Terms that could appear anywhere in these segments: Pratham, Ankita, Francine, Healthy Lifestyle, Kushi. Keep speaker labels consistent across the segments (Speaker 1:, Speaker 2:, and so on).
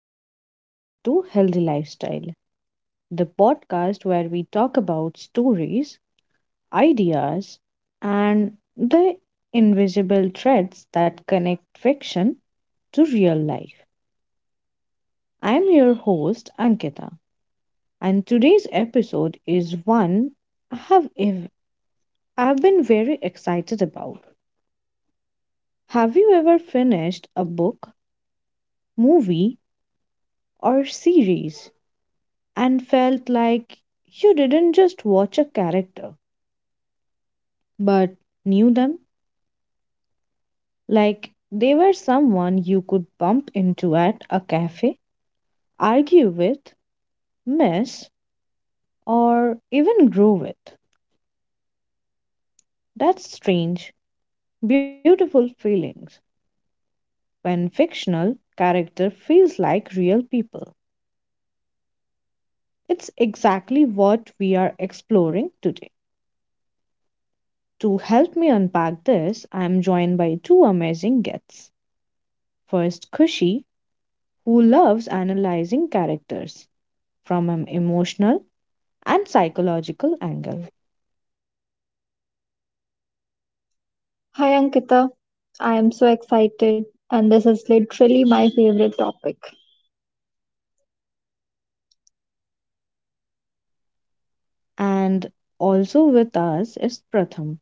Speaker 1: and welcome back to Healthy Lifestyle, the podcast where we talk about stories, ideas, and the invisible threads that connect fiction to real life. I'm your host, Ankita, and today's episode is one I have ev- I've been very excited about. Have you ever finished a book, movie, or series and felt like you didn't just watch a character, but knew them like they were someone you could bump into at a cafe, argue with, miss, or even grow with? That's strange, beautiful feelings when fictional character feels like real people. It's exactly what we are exploring today. To help me unpack this, I am joined by two amazing guests. First, Kushi, who loves analyzing characters from an emotional and psychological angle.
Speaker 2: Hi Ankita, I am so excited, and this is literally my favorite topic.
Speaker 1: And also with us is Pratham,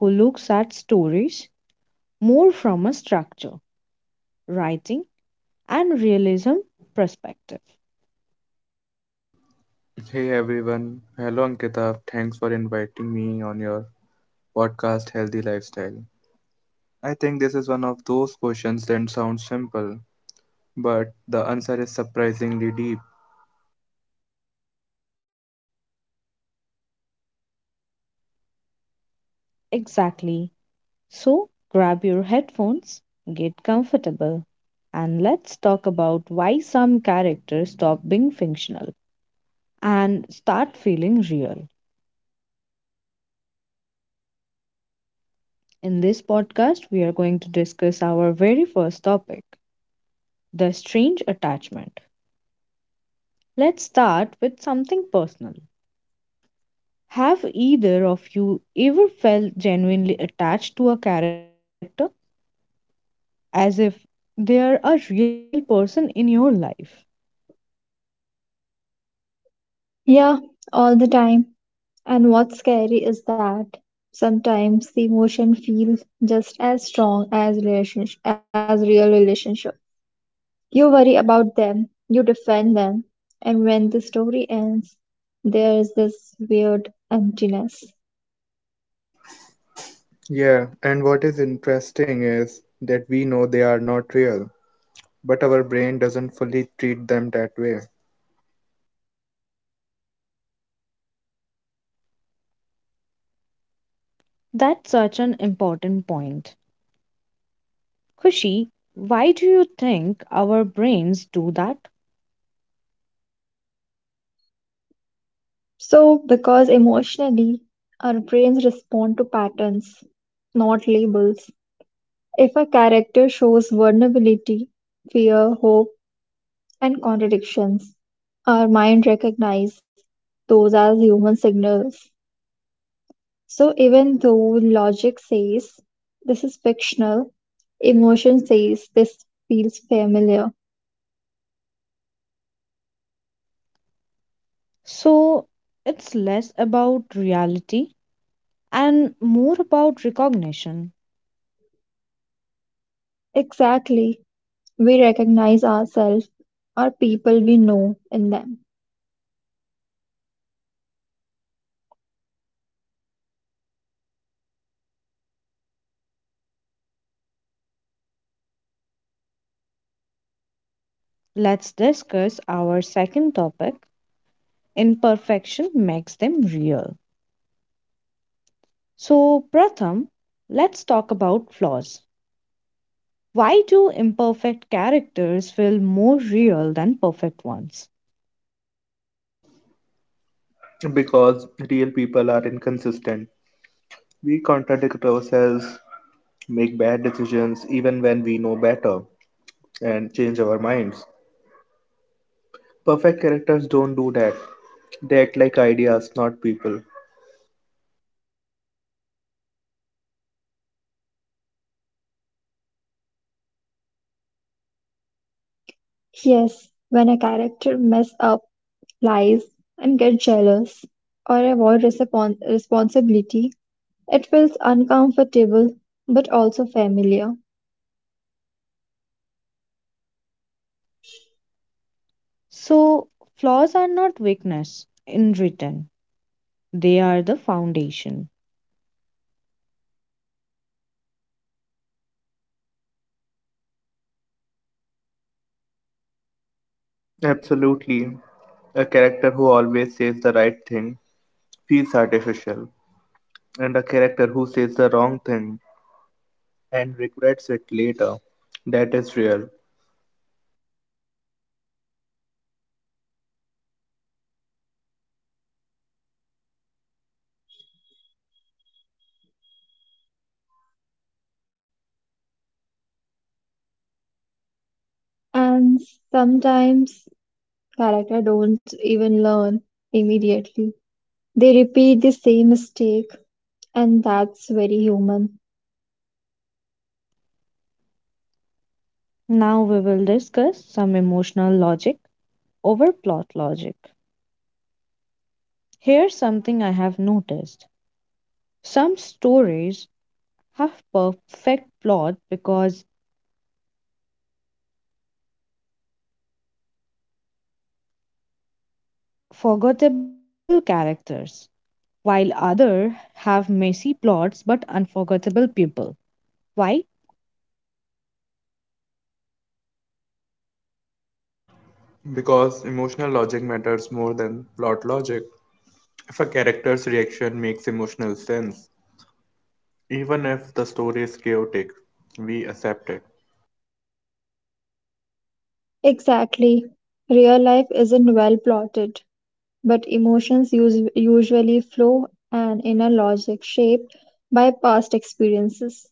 Speaker 1: who looks at stories more from a structure, writing, and realism perspective.
Speaker 3: Hey everyone. Hello Ankita. Thanks for inviting me on your podcast Healthy Lifestyle. I think this is one of those questions that sounds simple, but the answer is surprisingly deep.
Speaker 1: Exactly. So grab your headphones, get comfortable, and let's talk about why some characters stop being fictional and start feeling real. In this podcast, we are going to discuss our very first topic, the strange attachment. Let's start with something personal. Have either of you ever felt genuinely attached to a character as if they are a real person in your life?
Speaker 2: Yeah, all the time. And what's scary is that sometimes the emotion feels just as strong as relationship, as real relationship. You worry about them, you defend them, and when the story ends, there is this weird emptiness.
Speaker 3: Yeah, and what is interesting is that we know they are not real, but our brain doesn't fully treat them that way.
Speaker 1: That's such an important point. Kushi, why do you think our brains do that?
Speaker 2: So, because emotionally, our brains respond to patterns, not labels. If a character shows vulnerability, fear, hope, and contradictions, our mind recognizes those as human signals. So even though logic says this is fictional, emotion says this feels familiar.
Speaker 1: So, it's less about reality and more about recognition.
Speaker 2: Exactly, we recognize ourselves or people we know in them.
Speaker 1: Let's discuss our second topic, imperfection makes them real. So, Pratham, let's talk about flaws. Why do imperfect characters feel more real than perfect ones?
Speaker 3: Because real people are inconsistent. We contradict ourselves, make bad decisions even when we know better, and change our minds. Perfect characters don't do that. They act like ideas, not people.
Speaker 2: Yes, when a character mess up, lies, and gets jealous or avoid responsibility, it feels uncomfortable but also familiar,
Speaker 1: So, flaws are not weakness in written, they are the foundation.
Speaker 3: Absolutely. A character who always says the right thing feels artificial, and a character who says the wrong thing and regrets it later. That is real.
Speaker 2: and sometimes character don't even learn immediately. They repeat the same mistake, and that's very human.
Speaker 1: Now, we will discuss some emotional logic over plot logic. Here's something I have noticed, some stories have perfect plot because forgettable characters, while others have messy plots but unforgettable people. Why?
Speaker 3: Because emotional logic matters more than plot logic. If a character's reaction makes emotional sense, even if the story is chaotic, we accept it.
Speaker 2: Exactly. Real life isn't well plotted, but emotions usually flow and in a logic shaped by past experiences.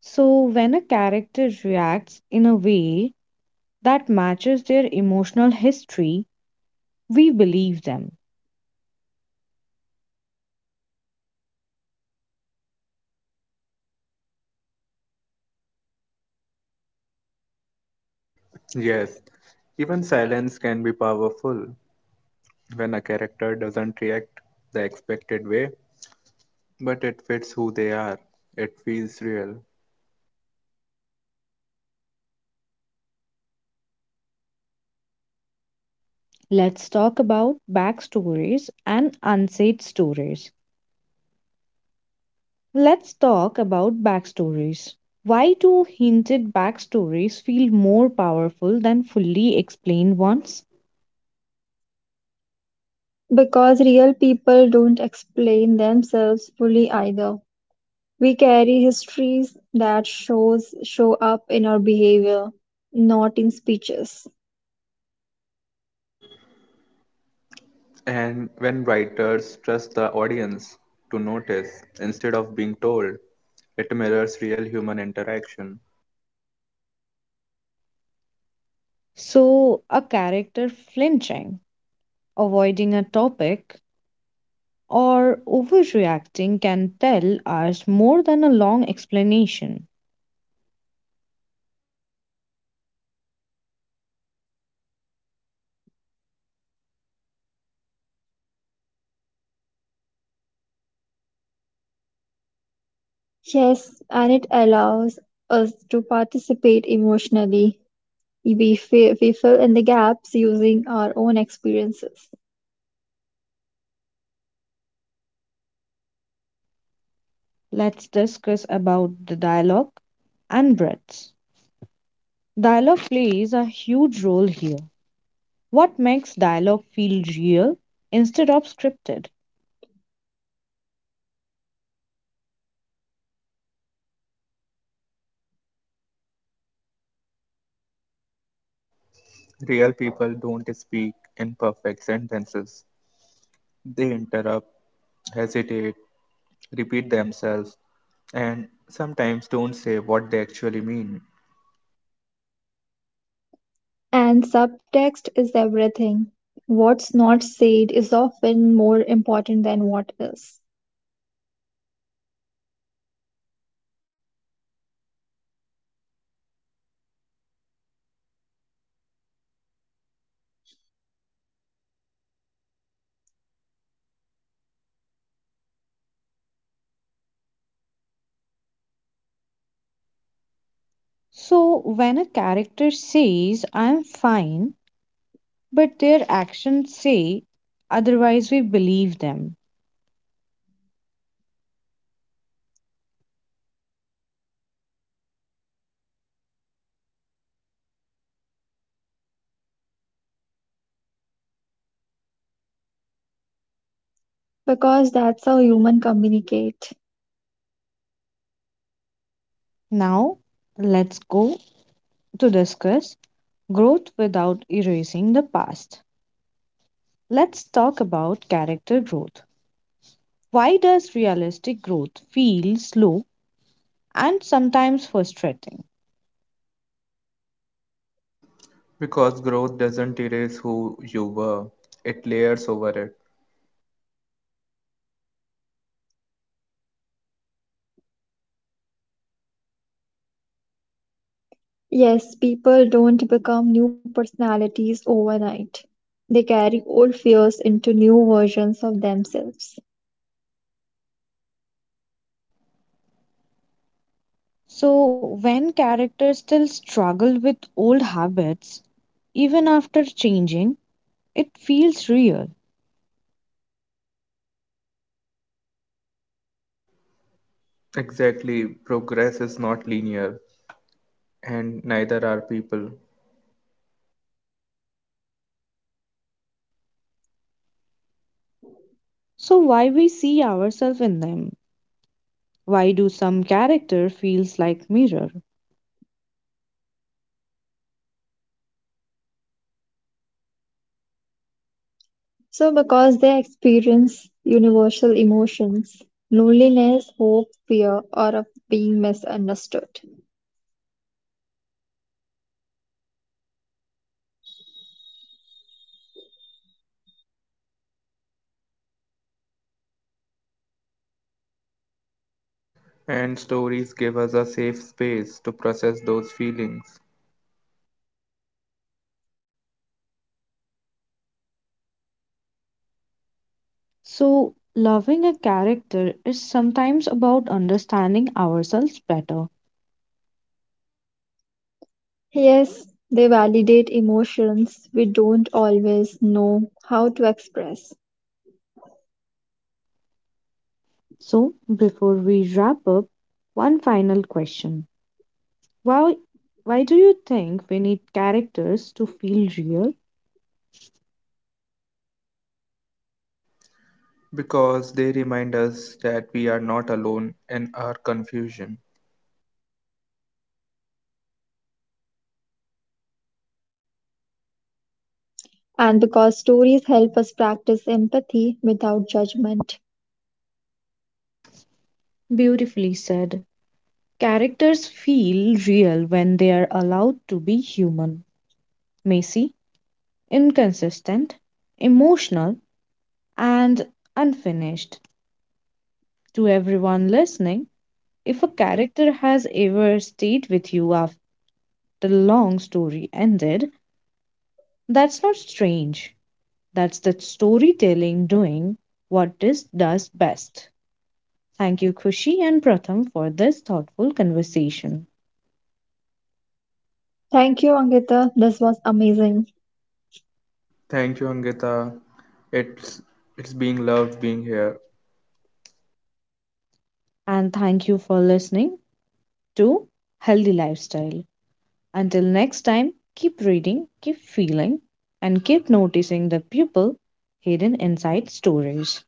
Speaker 1: So, when a character reacts in a way that matches their emotional history, we believe them.
Speaker 3: Yes, even silence can be powerful. When a character doesn't react the expected way, but it fits who they are. It feels real.
Speaker 1: Let's talk about backstories and unsaid stories. Let's talk about backstories. Why do hinted backstories feel more powerful than fully explained ones?
Speaker 2: Because real people don't explain themselves fully either. We carry histories that show up in our behavior, not in speeches.
Speaker 3: And when writers trust the audience to notice instead of being told, it mirrors real human interaction.
Speaker 1: So, a character flinching, avoiding a topic, or overreacting can tell us more than a long explanation.
Speaker 2: Yes, and it allows us to participate emotionally. We fill in the gaps using our own experiences.
Speaker 1: Let's discuss about the dialogue and breaths. Dialogue plays a huge role here. What makes dialogue feel real instead of scripted?
Speaker 3: Real people don't speak in perfect sentences, they interrupt, hesitate, repeat themselves, and sometimes don't say what they actually mean.
Speaker 2: And subtext is everything. What's not said is often more important than what is,
Speaker 1: So, when a character says, I'm fine, but their actions say otherwise, we believe them.
Speaker 2: because that's how humans communicate.
Speaker 1: Now, let's go to discuss growth without erasing the past. Let's talk about character growth. Why does realistic growth feel slow and sometimes frustrating?
Speaker 3: Because growth doesn't erase who you were, it layers over it.
Speaker 2: Yes, people don't become new personalities overnight. They carry old fears into new versions of themselves.
Speaker 1: So, when characters still struggle with old habits, even after changing, it feels real.
Speaker 3: Exactly, progress is not linear, and neither are people.
Speaker 1: So, why we see ourselves in them? Why do some character feels like mirror?
Speaker 2: So, because they experience universal emotions, loneliness, hope, fear, or of being misunderstood.
Speaker 3: And stories give us a safe space to process those feelings
Speaker 1: So, loving a character is sometimes about understanding ourselves better.
Speaker 2: Yes, they validate emotions we don't always know how to express.
Speaker 1: So, before we wrap up, one final question. Why why do you think we need characters to feel real?
Speaker 3: because they remind us that we are not alone in our confusion.
Speaker 2: And because stories help us practice empathy without judgment.
Speaker 1: Beautifully said. Characters feel real when they are allowed to be human, messy, inconsistent, emotional, and unfinished. To everyone listening, if a character has ever stayed with you after the long story ended, that's not strange. That's the storytelling doing what it does best. Thank you, Kushi and Pratham, for this thoughtful conversation.
Speaker 2: Thank you, Angita. This was amazing.
Speaker 3: Thank you, Angita. It's it's being loved being here.
Speaker 1: And thank you for listening to Healthy Lifestyle. Until next time, keep reading, keep feeling, and keep noticing the people hidden inside stories.